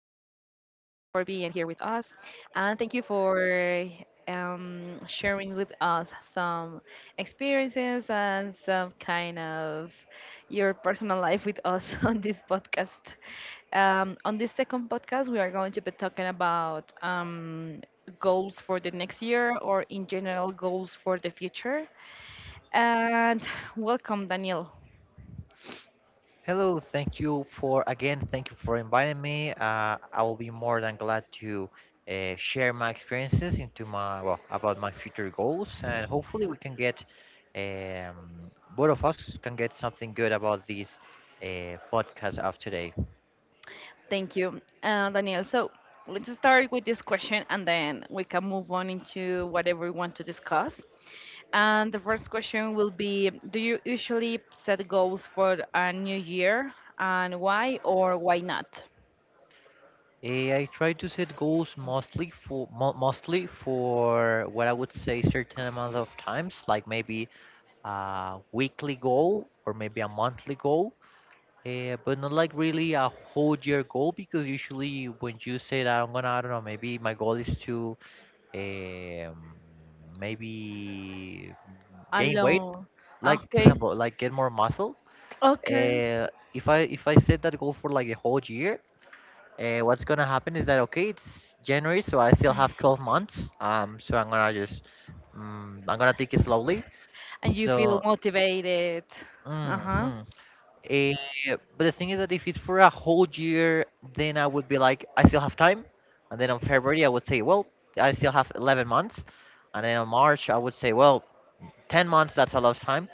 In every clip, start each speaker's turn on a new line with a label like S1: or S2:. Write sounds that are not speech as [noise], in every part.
S1: being here with us, and thank you for sharing with us some experiences and some kind of your personal life with us [laughs] on this podcast. On this second podcast, we are going to be talking about goals for the next year or, in general, goals for the future. And welcome, Danielle.
S2: Hello, thank you for again, thank you for inviting me. I will be more than glad to share my experiences into my well about my future goals, and hopefully we can get both of us can get something good about this podcast of today.
S1: Thank you, Daniel. So let's start with this question and then we can move on into whatever we want to discuss. And the first question will be, do you usually set goals for a new year and why or why not?
S2: I try to set goals mostly for mostly for what I would say certain amount of times, like maybe a weekly goal or maybe a monthly goal. Yeah, but not like really a whole year goal because usually when you say that I'm gonna, I don't know, maybe my goal is to um, maybe gain weight,
S1: Alone.
S2: like for
S1: Okay.
S2: example, like get more muscle.
S1: Okay.
S2: If I set that goal for like a whole year, what's gonna happen is that okay, it's January, so I still have 12 months. So I'm gonna just, I'm gonna take it slowly.
S1: And you feel
S2: So.
S1: motivated. Uh-huh.
S2: Mm-hmm. Eh, but the thing is that if it's for a whole year, then I would be like, I still have time. And then on February, I would say, well, I still have 11 months. And then on March, I would say, well, 10 months, that's a lot of time.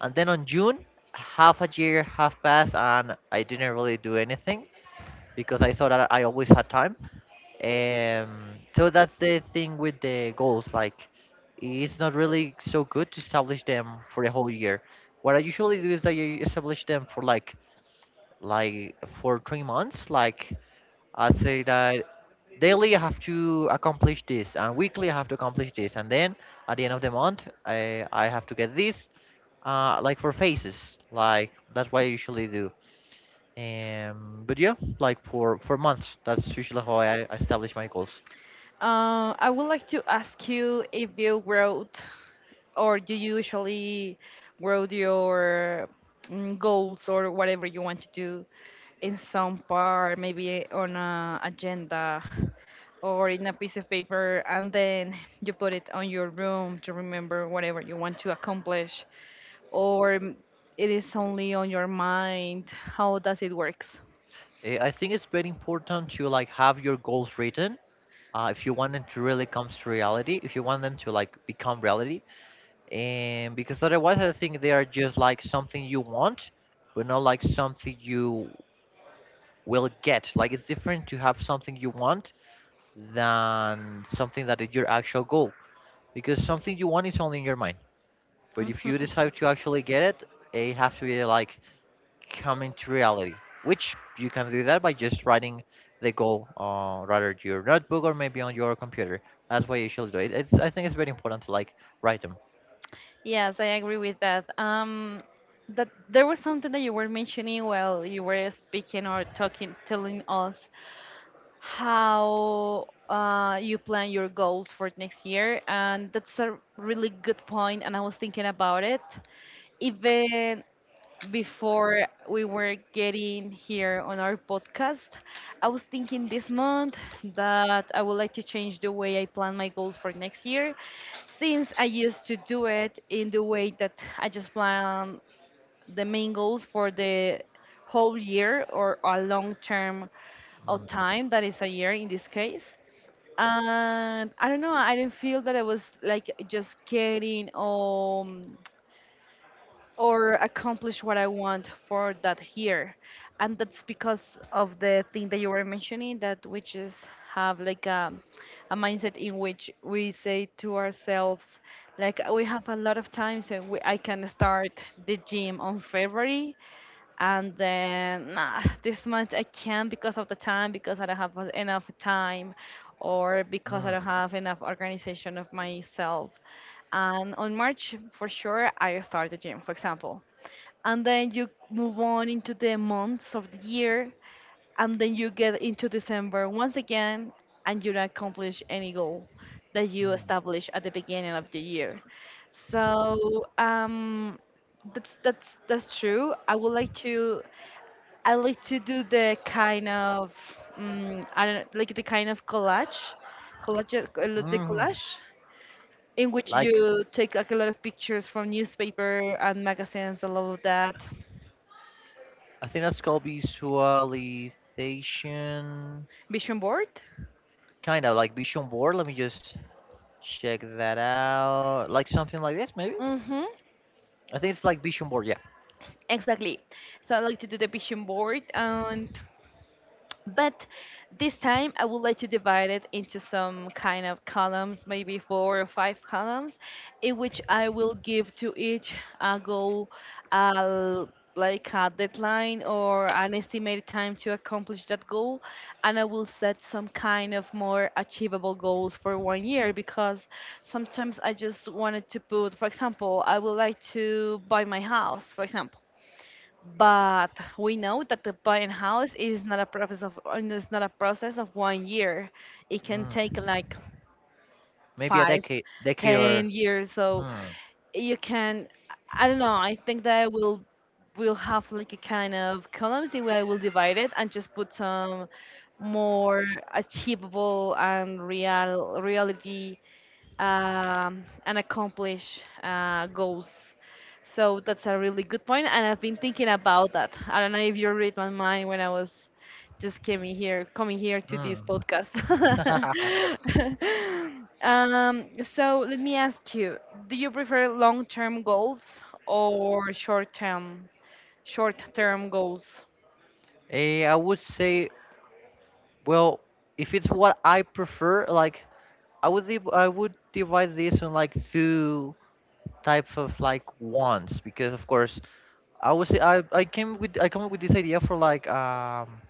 S2: And then on June, half a year, half passed, and I didn't really do anything because I thought that I always had time. So that's the thing with the goals. Like, it's not really so good to establish them for a whole year. What I usually do is that you establish them for like for 3 months, like I say that daily I have to accomplish this and weekly I have to accomplish this, and then at the end of the month I have to get this. Like for phases, like that's what I usually do. But yeah, like for months, that's usually how I establish my goals.
S1: I would like to ask you if you wrote. Or do you usually grow your goals or whatever you want to do in some part, maybe on a agenda or in a piece of paper, and then you put it on your room to remember whatever you want to accomplish, or it is only on your mind? How does it works?
S2: I think it's very important to like have your goals written, if you want them to really come to reality, if you want them to like become reality. And because otherwise I think they are just like something you want but not like something you will get. Like it's different to have something you want than something that is your actual goal, because something you want is only in your mind, but if you
S1: Hmm.
S2: decide to actually get it, it has to be like coming to reality, which you can do that by just writing the goal on rather to your notebook or maybe on your computer. That's why you should do it. I think it's very important to like write them.
S1: Yes, I agree with that. That there was something that you were mentioning while you were speaking or talking, telling us how you plan your goals for next year. And that's a really good point, and I was thinking about it even before we were getting here on our podcast. I was thinking this month that I would like to change the way I plan my goals for next year, since I used to do it in the way that I just plan the main goals for the whole year or a long term of time that is a year in this case. And I don't know, I didn't feel that I was like just getting or accomplish what I want for that year. And that's because of the thing that you were mentioning, that we just have like a mindset in which we say to ourselves like we have a lot of time, so I can start the gym on February, and then nah, this month I can't because of the time, because I don't have enough time, or because I
S2: Mm,
S1: don't have enough organization of myself. And on March, for sure, I start the gym, for example. And then you move on into the months of the year, and then you get into December once again and you don't accomplish any goal that you
S2: mm,
S1: establish at the beginning of the year. So that's true. I would like to. I like to do the kind of I don't like the kind of collage, collage uh, the
S2: mm,
S1: collage
S2: mm.
S1: in which
S2: Like
S1: you take like a lot of pictures from newspaper and magazines, a lot of that.
S2: I think that's called visualization,
S1: Vision board.
S2: kind of like vision board. Let me just check that out. Like something like this, maybe.
S1: Mm-hmm.
S2: I think it's like vision board. Yeah,
S1: Exactly. So I like to do the vision board and, but this time I would like to divide it into some kind of columns, maybe four or five columns, in which I will give to each goal uh, like a deadline or an estimated time to accomplish that goal, and I will set some kind of more achievable goals for one year, because sometimes I just wanted to put, for example, I would like to buy my house, for example. But we know that the buying house is not a process of, it's not a process of one year. It can
S2: mm.
S1: take like
S2: Maybe a
S1: five,
S2: decade, decade
S1: ten
S2: or.
S1: years. So
S2: Hmm.
S1: you can, I don't know, I think that I will have like a kind of columns the way I will divide it and just put some more achievable and real reality and accomplish goals. So that's a really good point, and I've been thinking about that. I don't know if you read my mind when I was just coming here to this
S2: Hmm.
S1: podcast.
S2: [laughs]
S1: [laughs] um, so let me ask you: do you prefer long-term goals or short-term goals?
S2: I would say, well, if it's what I prefer, like I would div- I would divide this in like two types of like wants because of course I would say I came with I come up with this idea for like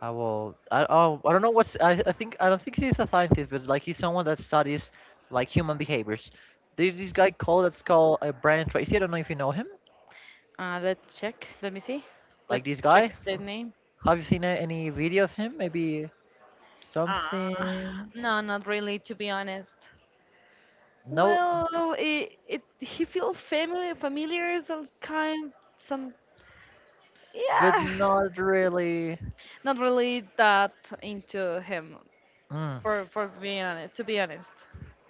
S2: I will. I oh, I don't know what's. I think I don't think he's a scientist, but like he's someone that studies like human behaviors. There's this guy called Brian Tracy. I don't know if you know him.
S1: Let's check. Let me see.
S2: Like this
S1: Let's
S2: guy.
S1: check the name.
S2: Have you seen any video of him? Maybe
S1: Ah,
S2: something.
S1: no, not really, to be honest.
S2: No,
S1: Well, it he feels familiar, some kind, some,
S2: but
S1: yeah.
S2: not really.
S1: Not really that into him,
S2: Mm.
S1: for being honest. To be honest.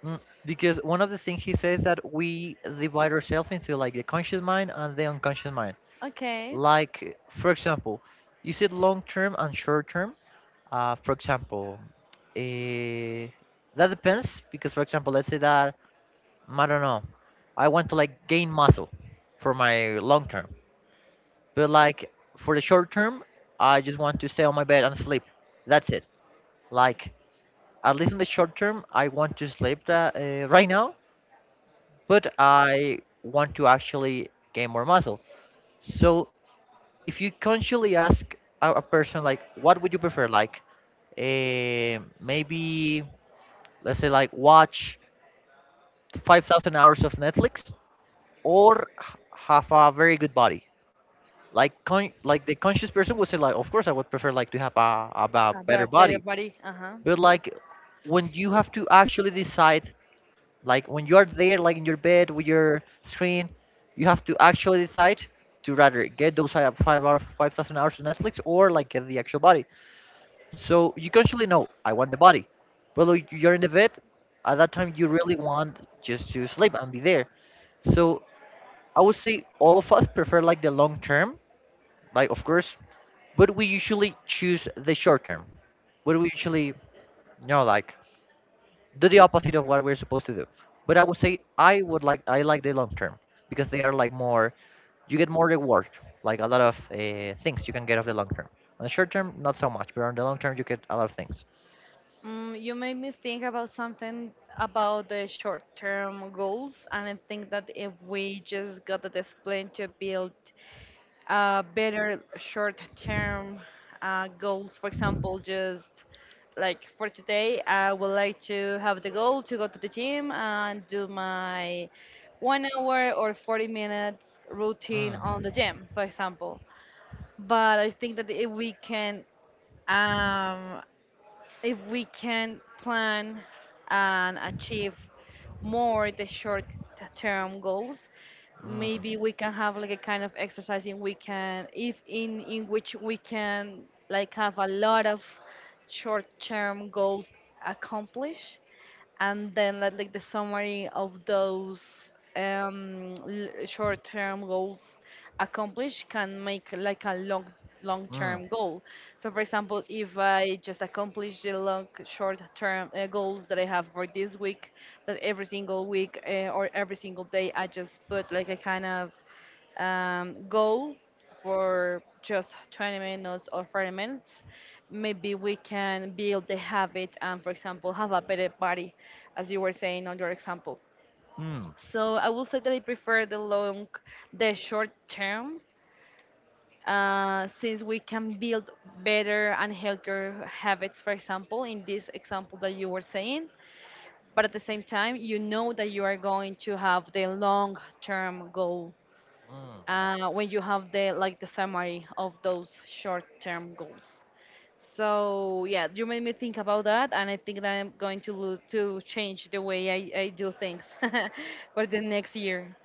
S2: Mm, because one of the things he says that we divide ourselves into like the conscious mind and the unconscious mind.
S1: Okay.
S2: Like for example, you said long term and short term. For example, eh, that depends because, for example, let's say that I don't know, I want to like gain muscle for my long term, but like for the short term, I just want to stay on my bed and sleep. That's it. Like at least in the short term, I want to sleep that, right now, but I want to actually gain more muscle. So if you consciously ask a person like, what would you prefer, like, maybe let's say like watch 5,000 hours of netflix or have a very good body, like like the conscious person would say like of course I would prefer like to have a
S1: A
S2: better
S1: better
S2: body.
S1: buddy. Uh huh.
S2: But like when you have to actually decide, like when you are there like in your bed with your screen, you have to actually decide to rather get those five five hour 5,000 hours of netflix or like get the actual body. So you consciously know I want the body. Well, like, you're in the bed. At that time, you really want just to sleep and be there. So I would say all of us prefer like the long term, like of course, but we usually choose the short term. But we usually, you know, like do the opposite of what we're supposed to do. But I would say I like the long term because they are like more. You get more reward, like a lot of things you can get of the long term. On the short term, not so much, but on the long term, you get a lot of things.
S1: Mm, you made me think about something about the short-term goals, and I think that if we just got the discipline to build better short term goals. For example, just like for today, I would like to have the goal to go to the gym and do my one hour or 40 minutes routine on
S2: Mm,
S1: the gym, for example. But I think that um, if we can plan and achieve more the short term goals,
S2: mm,
S1: maybe we can have like a kind of exercise in we can, if in which we can like have a lot of short term goals accomplished, and then like the summary of those short-term goals accomplished can make like a
S2: mm,
S1: long-term goal. So for example, if I just accomplish the long short-term goals that I have for this week, that every single week or every single day I just put like a kind of goal for just 20 minutes or 30 minutes, maybe we can build the habit and, for example, have a better body, as you were saying on your example.
S2: mm,
S1: So I will say that I prefer the long, the short term, since we can build better and healthier habits, for example, in this example that you were saying. But at the same time, you know that you are going to have the long term goal
S2: mm.
S1: when you have the like the summary of those short-term goals. So yeah, you made me think about that, and I think that I'm going to to change the way I do things [laughs] for the next year.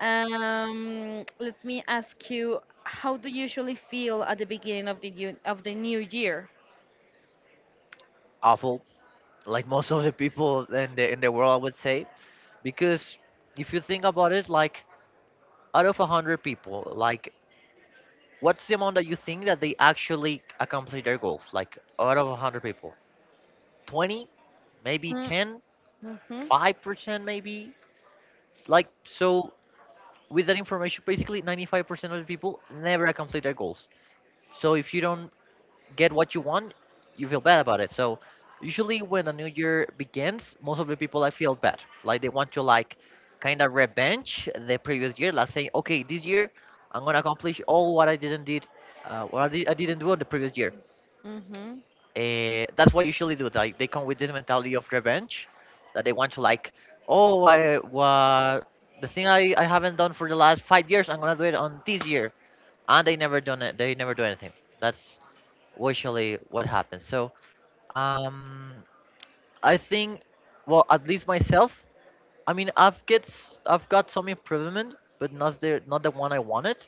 S1: Let me ask you, how do you usually feel at the beginning of the of the new year?
S2: Awful, like most of the people in the world, I would say, because if you think about it, like out of a hundred people, like what's the amount that you think that they actually accomplish their goals? Like out of a hundred people, 20, maybe
S1: Mm-hmm,
S2: 10, 5%, maybe. Like so, with that information, basically 95% of the people never accomplish their goals. So if you don't get what you want, you feel bad about it. So usually when a new year begins, most of the people I feel bad. Like they want to like kind of revenge the previous year. Like saying, okay, this year I'm gonna accomplish all what I didn't did, I didn't do on the previous year.
S1: mm-hmm,
S2: That's what usually do. Like they come with this mentality of revenge, that they want to like, oh, I what the thing I haven't done for the last 5 years, I'm gonna do it on this year, and they never done it. They never do anything. That's usually what happens. Um, I think, well, at least myself, I mean, I've got some improvement, but not the one I wanted.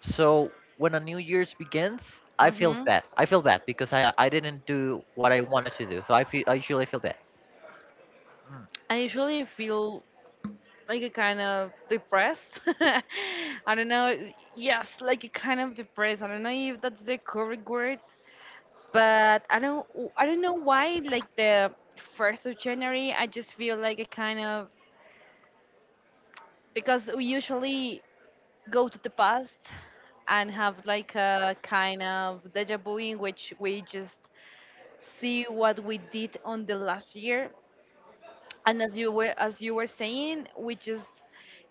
S2: So when a new year's begins, I feel
S1: mm-hmm.
S2: bad. I feel bad because I didn't do what I wanted to do. So I usually feel bad. Mm.
S1: I usually feel like a kind of depressed. [laughs] I don't know. Yes, like a kind of depressed. I don't know if that's the correct word, but I don't. I don't know why. Like the 1st of January, I just feel like a kind of, because we usually go to the past and have like a kind of deja vu in which we just see what we did on the last year. And as you were saying, we just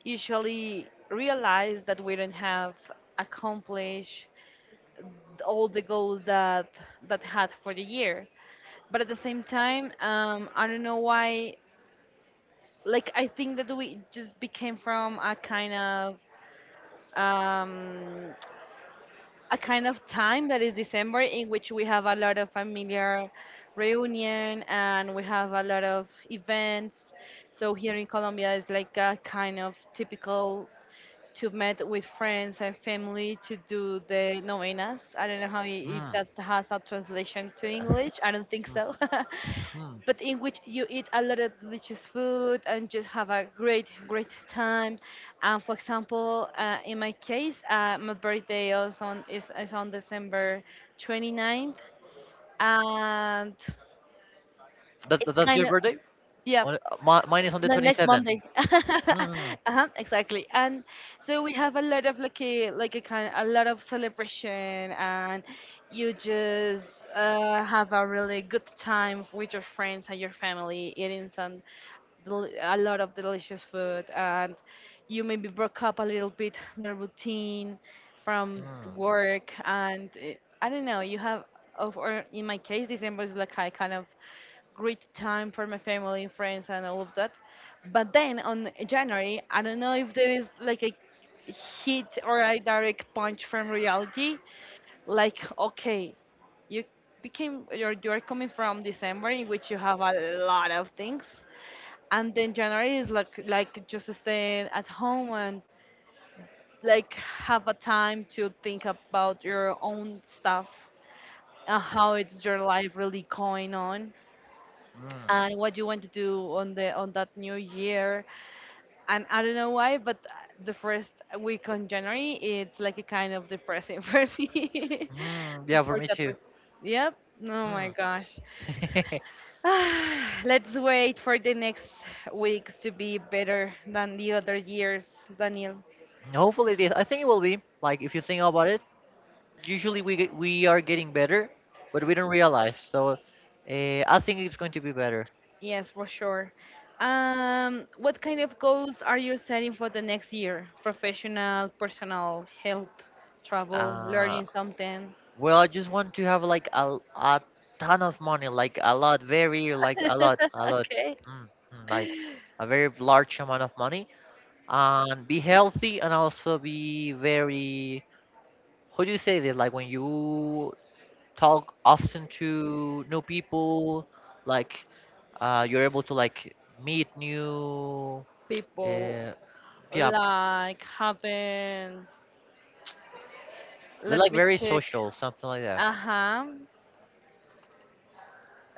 S1: usually realize that we don't have accomplished all the goals that had for the year. But at the same time, I don't know why, like I think that we just became from um, a kind of time that is December in which we have a lot of familiar reunion and we have a lot of events. So here in Colombia is like a kind of typical to meet with friends and family to do the novenas. I don't know if
S2: Mm.
S1: that has a translation to
S2: Uh,
S1: English. I don't think so. [laughs]
S2: mm.
S1: But in which you eat a lot of delicious food and just have a great time. And for example, in my case, my birthday is is on December 29th. And
S2: That,
S1: it's
S2: that's
S1: kind
S2: your
S1: of,
S2: birthday?
S1: yeah,
S2: Mine is on the
S1: the next
S2: 27th.
S1: Monday. [laughs] Uh-huh, exactly. And so we have a lot of like a kind a lot of celebration, and you just have a really good time with your friends and your family eating some a lot of delicious food, and you maybe broke up a little bit the routine from
S2: Mm,
S1: work. And I don't know, you have of, or in my case December is like I kind of great time for my family and friends and all of that. But then on January, I don't know if there is like a hit or a direct punch from reality. Like, okay, you became you're coming from December in which you have a lot of things, and then January is like just staying at home and like have a time to think about your own stuff and how it's your life really going on
S2: mm,
S1: and what you want to do on the on that new year. And I don't know why, but the first week on January it's like a kind of depressing [laughs] for me. And
S2: yeah, for
S1: for
S2: me
S1: that
S2: too.
S1: reason, yep, oh my
S2: Mm.
S1: gosh. [sighs] Let's wait for the next weeks to be better than the other years, Daniel.
S2: [laughs] Hopefully it is. I think it will be. Like if you think about it, we are getting better, but we don't realize. So I think it's going to be better.
S1: Yes, for sure. What kind of goals are you setting for the next year? Professional, personal, health, travel,
S2: Uh,
S1: learning something.
S2: well, I just want to have like a ton of money, like a lot, very like
S1: [laughs]
S2: a lot,
S1: Okay.
S2: mm, like a very large amount of money, and be healthy and also be very. How do you say this? Like when you talk often to new people, like you're able to like meet new,
S1: People,
S2: uh, yeah,
S1: like having,
S2: be like
S1: let me
S2: very
S1: check.
S2: social, something like that.
S1: Uh-huh.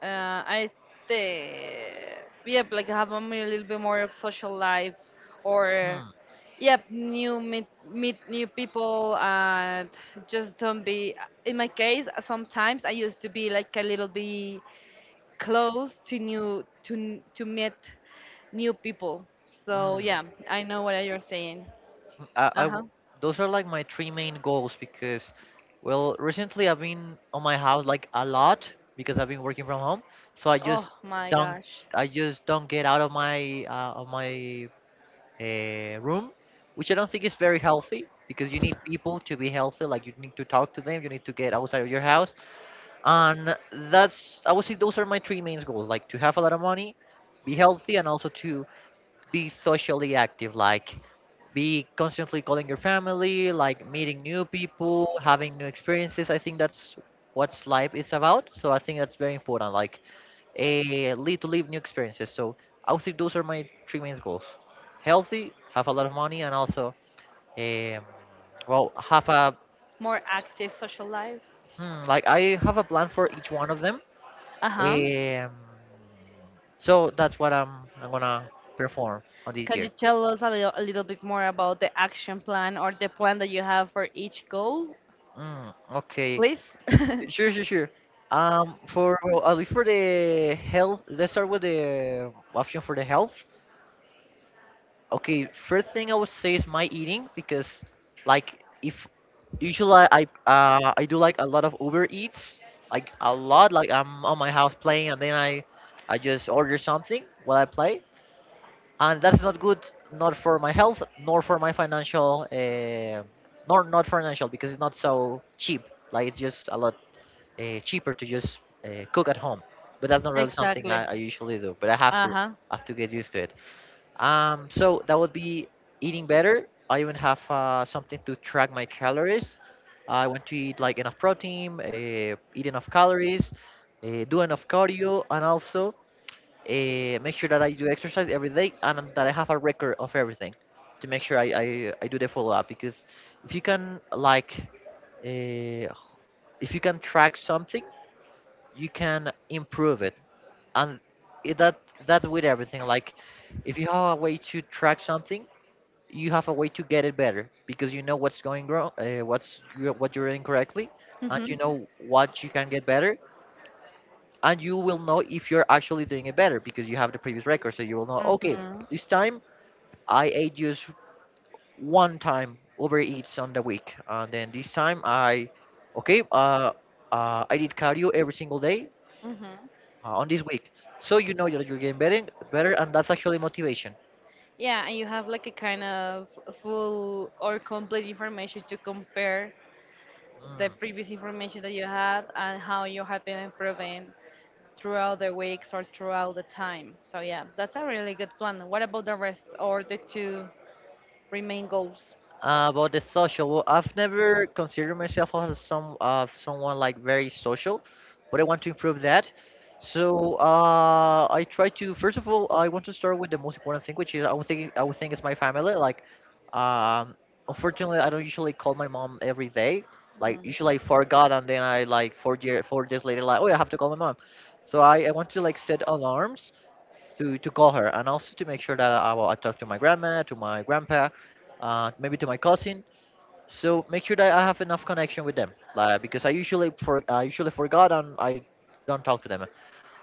S1: I think, yep, like having a little bit more of social life or,
S2: Hmm.
S1: yep, meet new people and just don't be, in my case, sometimes I used to be like a little bit close to to meet new people. So
S2: Mm.
S1: yeah, I know what you're saying.
S2: I, I
S1: Uh huh.
S2: w- those are like my three main goals because, well, recently I've been on my house like a lot because I've been working from home. So
S1: Oh my
S2: don't,
S1: gosh,
S2: I just don't get out of my room, which I don't think is very healthy because you need people to be healthy. Like you need to talk to them, you need to get outside of your house, and that's I would say those are my three main goals: like to have a lot of money, be healthy, and also to be socially active, like be constantly calling your family, like meeting new people, having new experiences. I think that's what life is about. So I think that's very important, like a lead to live new experiences. So I would say those are my three main goals: healthy, have a lot of money, and also um, well, have a
S1: more active social life.
S2: hmm, like I have a plan for each one of them.
S1: Uh huh.
S2: Um, so that's what I'm gonna perform on this
S1: Can you
S2: year.
S1: tell us a a little bit more about the action plan or the plan that you have for each goal,
S2: Mm, okay.
S1: please? [laughs]
S2: Sure, sure, sure. For well, at least for the health, let's start with the option for the health. Okay, first thing I would say is my eating because, like, if usually I do like a lot of Uber Eats, like a lot. Like I'm on my house playing, and then I just order something while I play, and that's not good, not for my health, nor for my financial, nor not financial because it's not so cheap. Like it's just a lot cheaper to just cook at home. But that's not really something I,
S1: Exactly.
S2: I usually do. But I have
S1: Uh
S2: to
S1: huh.
S2: get used to it. So that would be eating better. I even have something to track my calories. I want to eat like enough protein, eat enough calories, do enough cardio, and also make sure that I do exercise every day and that I have a record of everything to make sure I do the follow up. Because if you can like uh, if you can track something, you can improve it. And it, that that's with everything. Like, if you have a way to track something, you have a way to get it better, because you know what's going wrong, what you're doing correctly, and you
S1: Mhm.
S2: know what you can get better, and you will know if you're actually doing it better because you have the previous record. So you will know, okay,
S1: Mhm.
S2: this time I ate just one time Uber Eats on the week, and then this time I okay I did cardio every single day,
S1: Mhm.
S2: on this week. So you know you're getting better, and that's actually motivation.
S1: Yeah, and you have like a kind of full or complete information to compare the
S2: Mm.
S1: previous information that you had and how you have been improving throughout the weeks or throughout the time. So yeah, that's a really good plan. What about the rest or the two remain goals?
S2: About the social, well, I've never considered myself as someone like very social, but I want to improve that. So, I try to, first of all, I want to start with the most important thing, which is, I would think, is my family. Like, um, unfortunately, I don't usually call my mom every day. Like,
S1: Mm.
S2: usually I forgot, and then I, like, 4 days later, like, oh yeah, I have to call my mom. So I want to like set alarms to call her, and also to make sure that I talk to my grandma, to my grandpa, maybe to my cousin. So make sure that I have enough connection with them, like, because I usually for I usually forgot and I don't talk to them.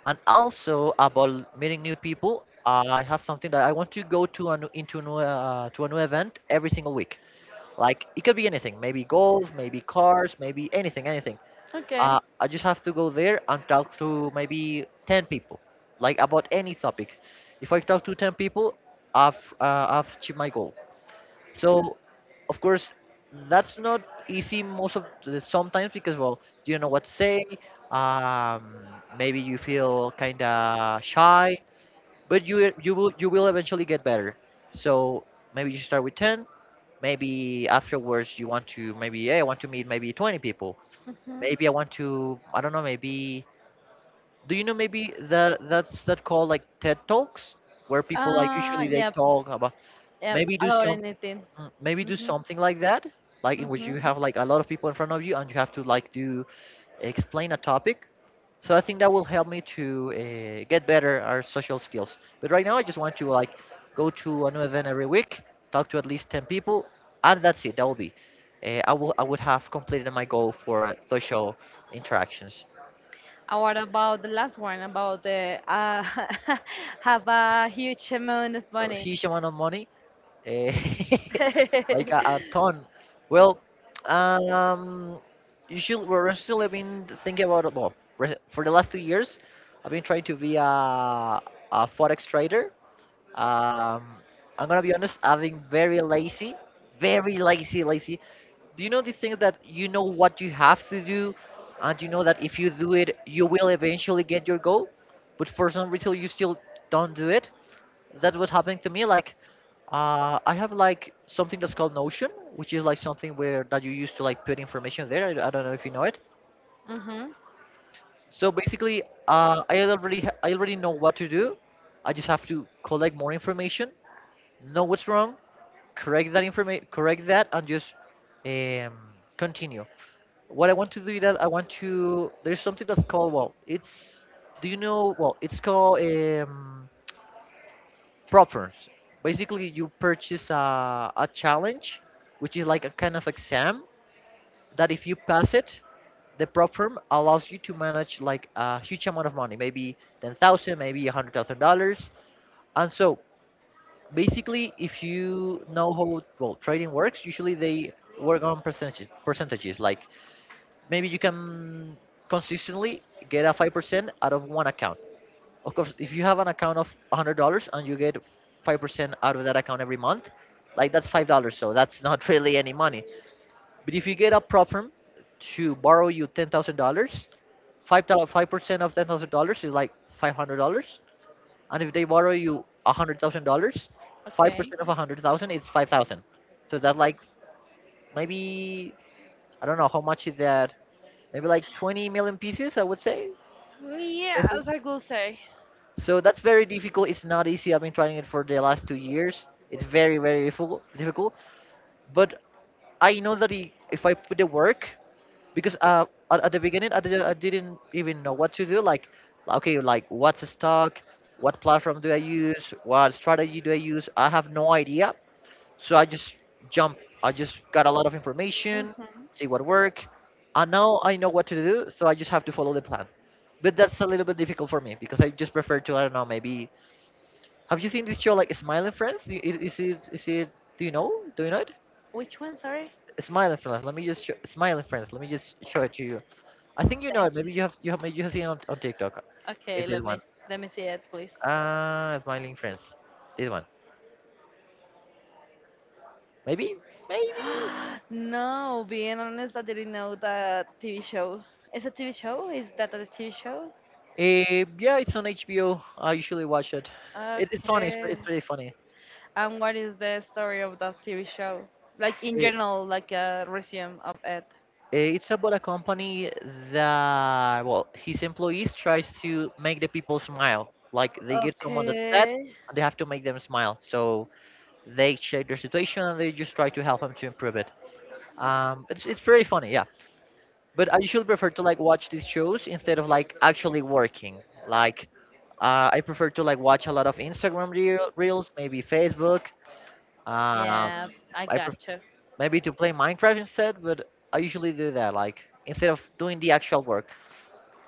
S2: And also about meeting new people, I have something that I want to go to a new event every single week. Like, it could be anything, maybe golf, maybe cars, maybe anything, anything.
S1: Okay.
S2: I just have to go there and talk to maybe 10 people, like, about any topic. If I talk to 10 people, I've achieved my goal. So, of course, that's not easy most of the sometimes, because, well, you don't know what to say. Um, Maybe you feel kind of shy, but you will eventually get better. So, maybe you start with 10. Maybe afterwards you want to, maybe, hey, I want to meet maybe 20 people.
S1: hmm
S2: Maybe I want to, I don't know, maybe, do you know, maybe that, that's that called like TED talks where people like usually they
S1: Yep,
S2: talk about,
S1: yep.
S2: maybe do
S1: About
S2: some.
S1: anything.
S2: Maybe do
S1: hmm
S2: something like that, like, in which you
S1: hmm
S2: have like a lot of people in front of you and you have to like do, explain a topic. So I think that will help me to get better our social skills. But right now I just want to like go to a new event every week, talk to at least 10 people, and that's it. That will be, I would have completed my goal for social interactions.
S1: And what about the last one? About the [laughs] have a huge amount of
S2: So, see
S1: money.
S2: you, shaman on money. eh, [laughs]
S1: [laughs]
S2: like a ton. Well, um, you should. We're still have been thinking about it. Well, for the last 2 years, I've been trying to be a forex trader. Um, I'm gonna be honest. I've been very lazy, lazy. Do you know the thing that you know what you have to do, and you know that if you do it, you will eventually get your goal, but for some reason you still don't do it? That's what's happening to me. Like, I have like something that's called Notion, which is like something where that you use to like put information there. I don't know if you know it.
S1: hmm
S2: So, basically, I already know what to do. I just have to collect more information, know what's wrong, correct that information, correct that, and just, um, continue. What I want to do is that I want to. There's something that's called, well, it's, do you know? Well, it's called, propers. Basically, you purchase a challenge, which is like a kind of exam that, if you pass it, the prop firm allows you to manage like a huge amount of money, maybe 10,000, maybe $100,000. And so, basically, if you know how well trading works, usually they work on percentages. Percentages like, maybe you can consistently get a 5% out of one account. Of course, if you have an account of $100 and you get 5% out of that account every month, like, that's $5, so that's [laughs] not really any money. But if you get a prop firm to borrow you $10,000, 5 five percent of $10,000 is like $500. And if they borrow you $100,000,
S1: Okay.
S2: 5% of 100,000 is 5,000. So that, like, maybe, I don't know, how much is that? Maybe like 20 million pieces, I would say.
S1: Yeah, as I could say.
S2: So that's very difficult. It's not easy. I've been trying it for the last 2 years. It's very, very difficult. But I know that, if I put the work, because, at the beginning, I didn't even know what to do. Like, okay, like, what's a stock? What platform do I use? What strategy do I use? I have no idea. So I just jump. I just got a lot of information,
S1: Mhm.
S2: see what work, and now I know what to do. So I just have to follow the plan. But that's a little bit difficult for me, because I just prefer to, I don't know, maybe, have you seen this show like Smiling Friends? Is it, do you know? Do you know it?
S1: Which one? Sorry.
S2: Smiling Friends. Let me just show, Smiling Friends. Let me just show it to you. I think you know
S1: Thank you.
S2: it. Maybe you have seen it on, TikTok.
S1: Okay,
S2: Is this one?
S1: let me see it, please.
S2: Ah, Smiling Friends. This one. Maybe maybe.
S1: [gasps] No, being honest, I didn't know that TV show. Is a TV show? Is that a TV show?
S2: Yeah, it's on HBO. I usually watch it. It's funny.
S1: Okay.
S2: It's pretty funny.
S1: And what is the story of that TV show? Like in
S2: Eh,
S1: general, like a resume of it.
S2: It's about a company that, well, his employees tries to make the people smile. Like, they get someone that's sad,
S1: Okay.
S2: and they have to make them smile. So they check their situation and they just try to help them to improve it. It's very funny, yeah. But I usually prefer to like watch these shows instead of like actually working. Like, I prefer to like watch a lot of Instagram reels, maybe Facebook. Um,
S1: Yeah, I
S2: I prefer
S1: gotcha.
S2: maybe to play Minecraft instead, but I usually do that, like, instead of doing the actual work.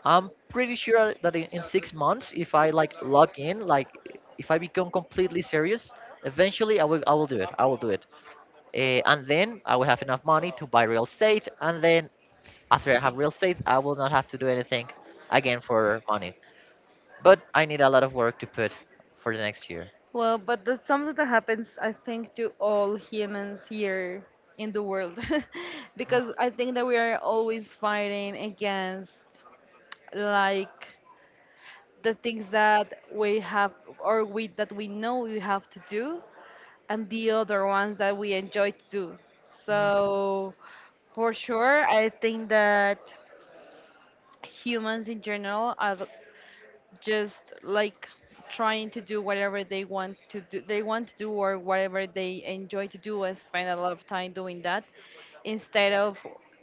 S2: I'm pretty sure that, in, 6 months, if I like log in, like, if I become completely serious, eventually I will do it. I will do it. And then I will have enough money to buy real estate, and then, after I have real estate, I will not have to do anything again for money. But I need a lot of work to put for the next year.
S1: Well, but that's something that happens, I think, to all humans here in the world, [laughs]
S2: Mm,
S1: because I think that we are always fighting against like the things that we have or we know we have to do, and the other ones that we enjoy to do.
S2: mm,
S1: So, for sure, I think that humans in general are just like trying to do whatever they want to do or whatever they enjoy to do, and spend a lot of time doing that instead of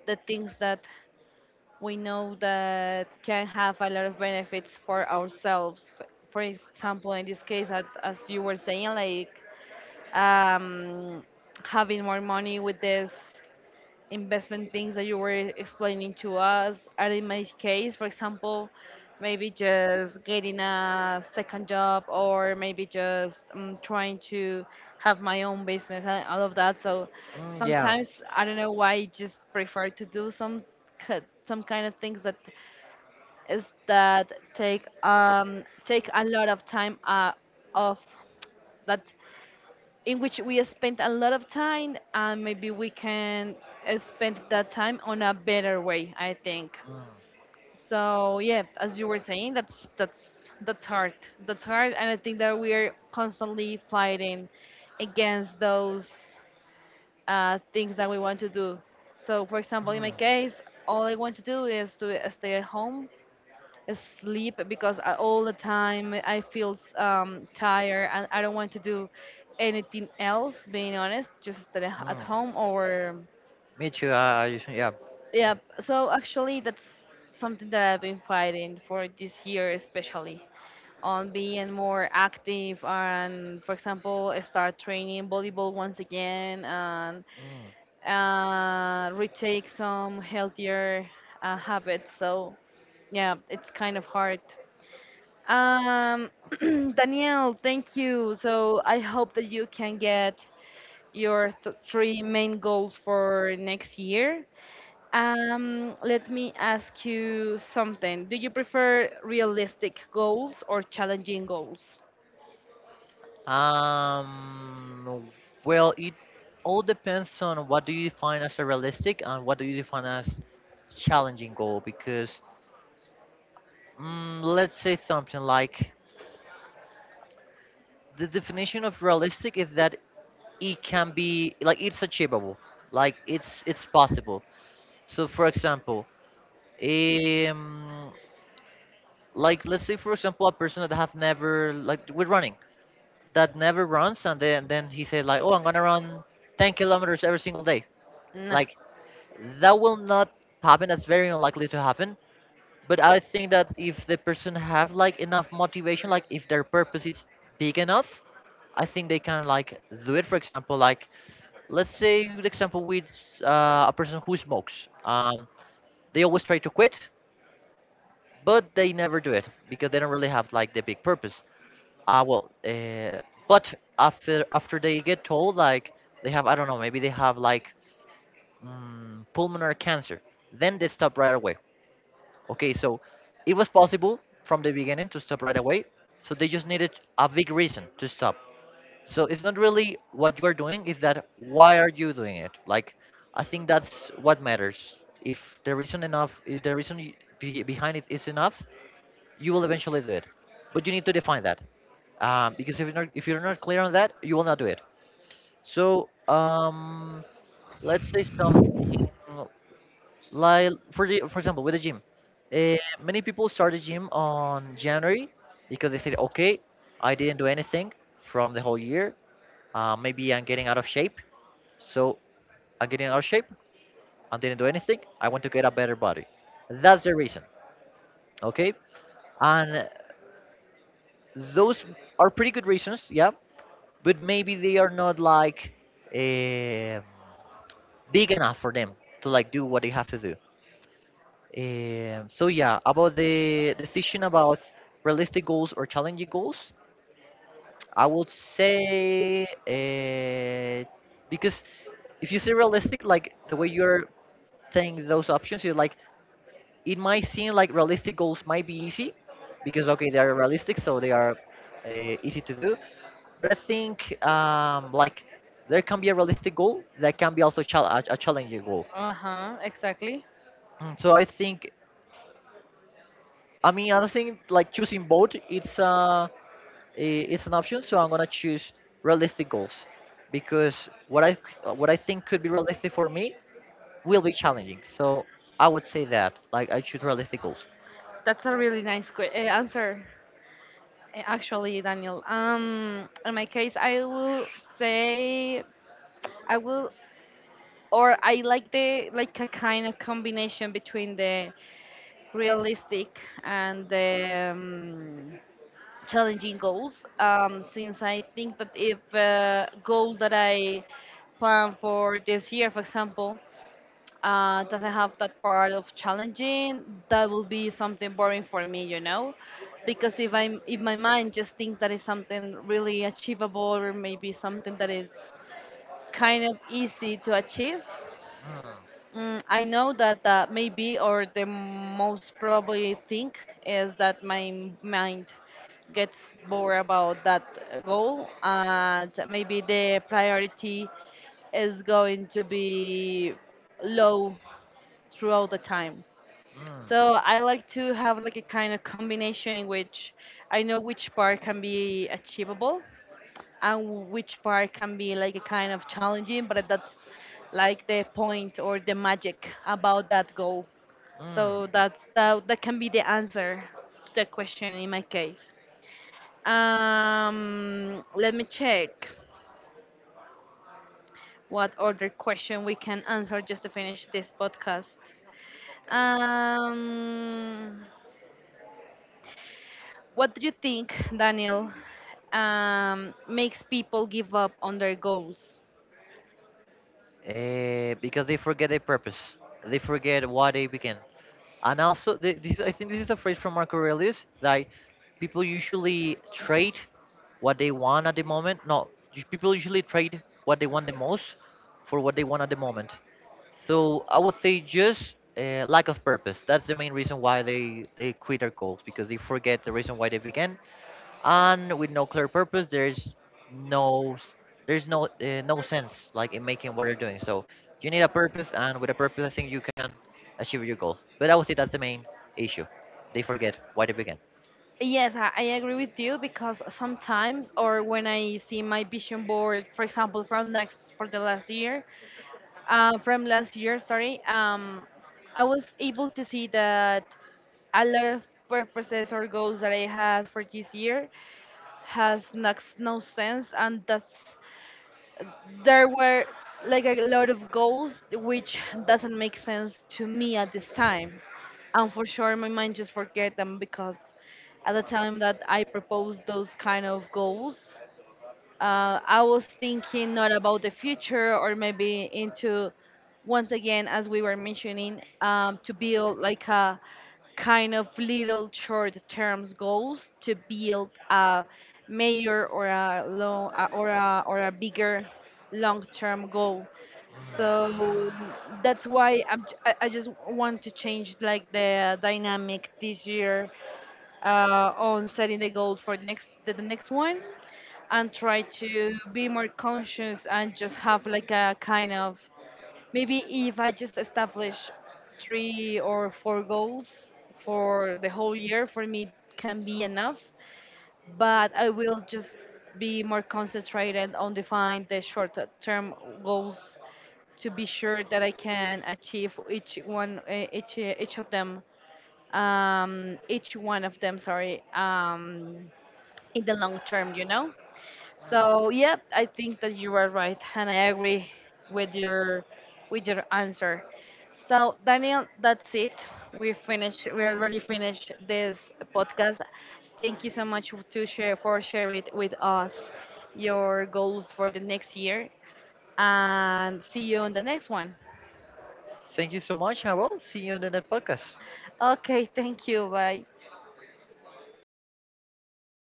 S1: the things that we know that can have a lot of benefits for ourselves. For example, in this case, as you were saying, like um, having more money with this investment things that you were explaining to us. And in my case, for example, maybe just getting a second job, or maybe just trying to have my own business and all of that. So
S2: mm, yeah.
S1: sometimes I don't know why I just prefer to do ki- some kind of things that is that take take a lot of time off that in which we spend a lot of time, and maybe we can spend that time on a better way, I think.
S2: Mm,
S1: So yeah, as you were saying, that's hard, that's hard. And I think that we're constantly fighting against those things that we want to do. So for example, in my
S2: mm,
S1: case, all I want to do is to stay at home, sleep, because all the time I feel tired, and I don't want to do anything else, being honest, just stay at
S2: mm.
S1: home or.
S2: Me too. Yeah.
S1: Yeah, so actually, that's something that I've been fighting for this year, especially on being more active, and, for example, I start training volleyball once again and
S2: Mm.
S1: retake some healthier habits. So, yeah, it's kind of hard. Um, [clears throat] Danielle, thank you. So I hope that you can get your th three main goals for next year. Let me ask you something. Do you prefer realistic goals or challenging goals?
S2: Um, well, it all depends on what do you define as a realistic and what do you define as challenging goal. Because, let's say something like, the definition of realistic is that it can be like, it's achievable, like, it's possible. So, for example, um, like, let's say for example, a person that have never like with running, that never runs, and then he said, like, oh, I'm gonna run 10 kilometers every single day.
S1: Nah.
S2: Like, that will not happen. That's very unlikely to happen. But I think that if the person have like enough motivation, like, if their purpose is big enough, I think they can like do it. For example, like, let's say the example with a person who smokes, they always try to quit, but they never do it because they don't really have like the big purpose. Ah, well, but after they get told like, they have, I don't know, maybe they have like, pulmonary cancer, then they stop right away. Okay, so it was possible from the beginning to stop right away. So they just needed a big reason to stop. So it's not really what you are doing, it's that why are you doing it? Like, I think that's what matters. If the reason enough, if the reason behind it is enough, you will eventually do it. But you need to define that, because if you're not clear on that, you will not do it. So, let's say something like, for example, with the gym, uh, many people start the gym on January because they said, okay, I didn't do anything from the whole year. Maybe I'm getting out of shape, so I'm getting out of shape. I didn't do anything. I want to get a better body. That's the reason, okay? And those are pretty good reasons, yeah. But maybe they are not like, eh, big enough for them to like do what they have to do. So, yeah, about the decision about realistic goals or challenging goals, I would say, because if you say realistic, like the way you're saying those options, you're like, it might seem like realistic goals might be easy because okay, they are realistic, so they are, uh, easy to do. But I think, like, there can be a realistic goal that can be also a challenging goal.
S1: Uh-huh, exactly.
S2: Mm, so I think, I mean, I think like choosing both, it's an option. So I'm gonna choose realistic goals because what I think could be realistic for me will be challenging. So I would say that, like, I choose realistic goals.
S1: That's a really nice answer, actually, Daniel. In my case, I will say I will, or I like the like a kind of combination between the realistic and challenging goals, since I think that if goal that I plan for this year, for example, doesn't have that part of challenging, that will be something boring for me, you know. Because if my mind just thinks that is something really achievable, or maybe something that is kind of easy to achieve,
S2: Mm,
S1: Mm, I know that maybe or the most probably thing is that my mind gets bored about that goal, and maybe the priority is going to be low throughout the time.
S2: mm.
S1: So I like to have like a kind of combination in which I know which part can be achievable and which part can be like a kind of challenging, but that's like the point or the magic about that goal.
S2: Mm.
S1: So that's that can be the answer to the question in my case. Let me check what other question we can answer just to finish this podcast. Um, what do you think, Daniel, makes people give up on their goals?
S2: Because they forget their purpose. They forget why they began. And also, this, I think this is a phrase from Marco Aurelius, that people usually trade what they want at the moment. No, people usually trade what they want the most for what they want at the moment. So I would say just, lack of purpose. That's the main reason why they quit their goals, because they forget the reason why they began. And with no clear purpose, there's no s- no sense, like, in making what you're doing. So you need a purpose, and with a purpose I think you can achieve your goals. But I would say that's the main issue. They forget why they began.
S1: Yes, I agree with you, because sometimes, or when I see my vision board, for example, from next for the last year, from last year, sorry, I was able to see that a lot of purposes or goals that I had for this year has not no sense, and that's there were like a lot of goals which doesn't make sense to me at this time. And for sure my mind just forget them, because at the time that I proposed those kind of goals, I was thinking not about the future, or maybe into, once again, as we were mentioning, to build like a kind of little short terms goals to build a major or a long or a bigger long term goal. So that's why I just want to change like the dynamic this year on setting the goal for next the next one, and try to be more conscious, and just have like a kind of, maybe if I just establish three or four goals for the whole year, for me can be enough. But I will just be more concentrated on define the short term goals to be sure that I can achieve each of them each one of them, sorry. In the long term, you know. So yeah, I think that you are right, and I agree with your answer. So Daniel, that's it. We finished. We already finished this podcast. Thank you so much to share for sharing it with us your goals for the next year, and see you on the next one.
S2: Thank you so much. I will see you in the next podcast.
S1: Okay, thank you. Bye.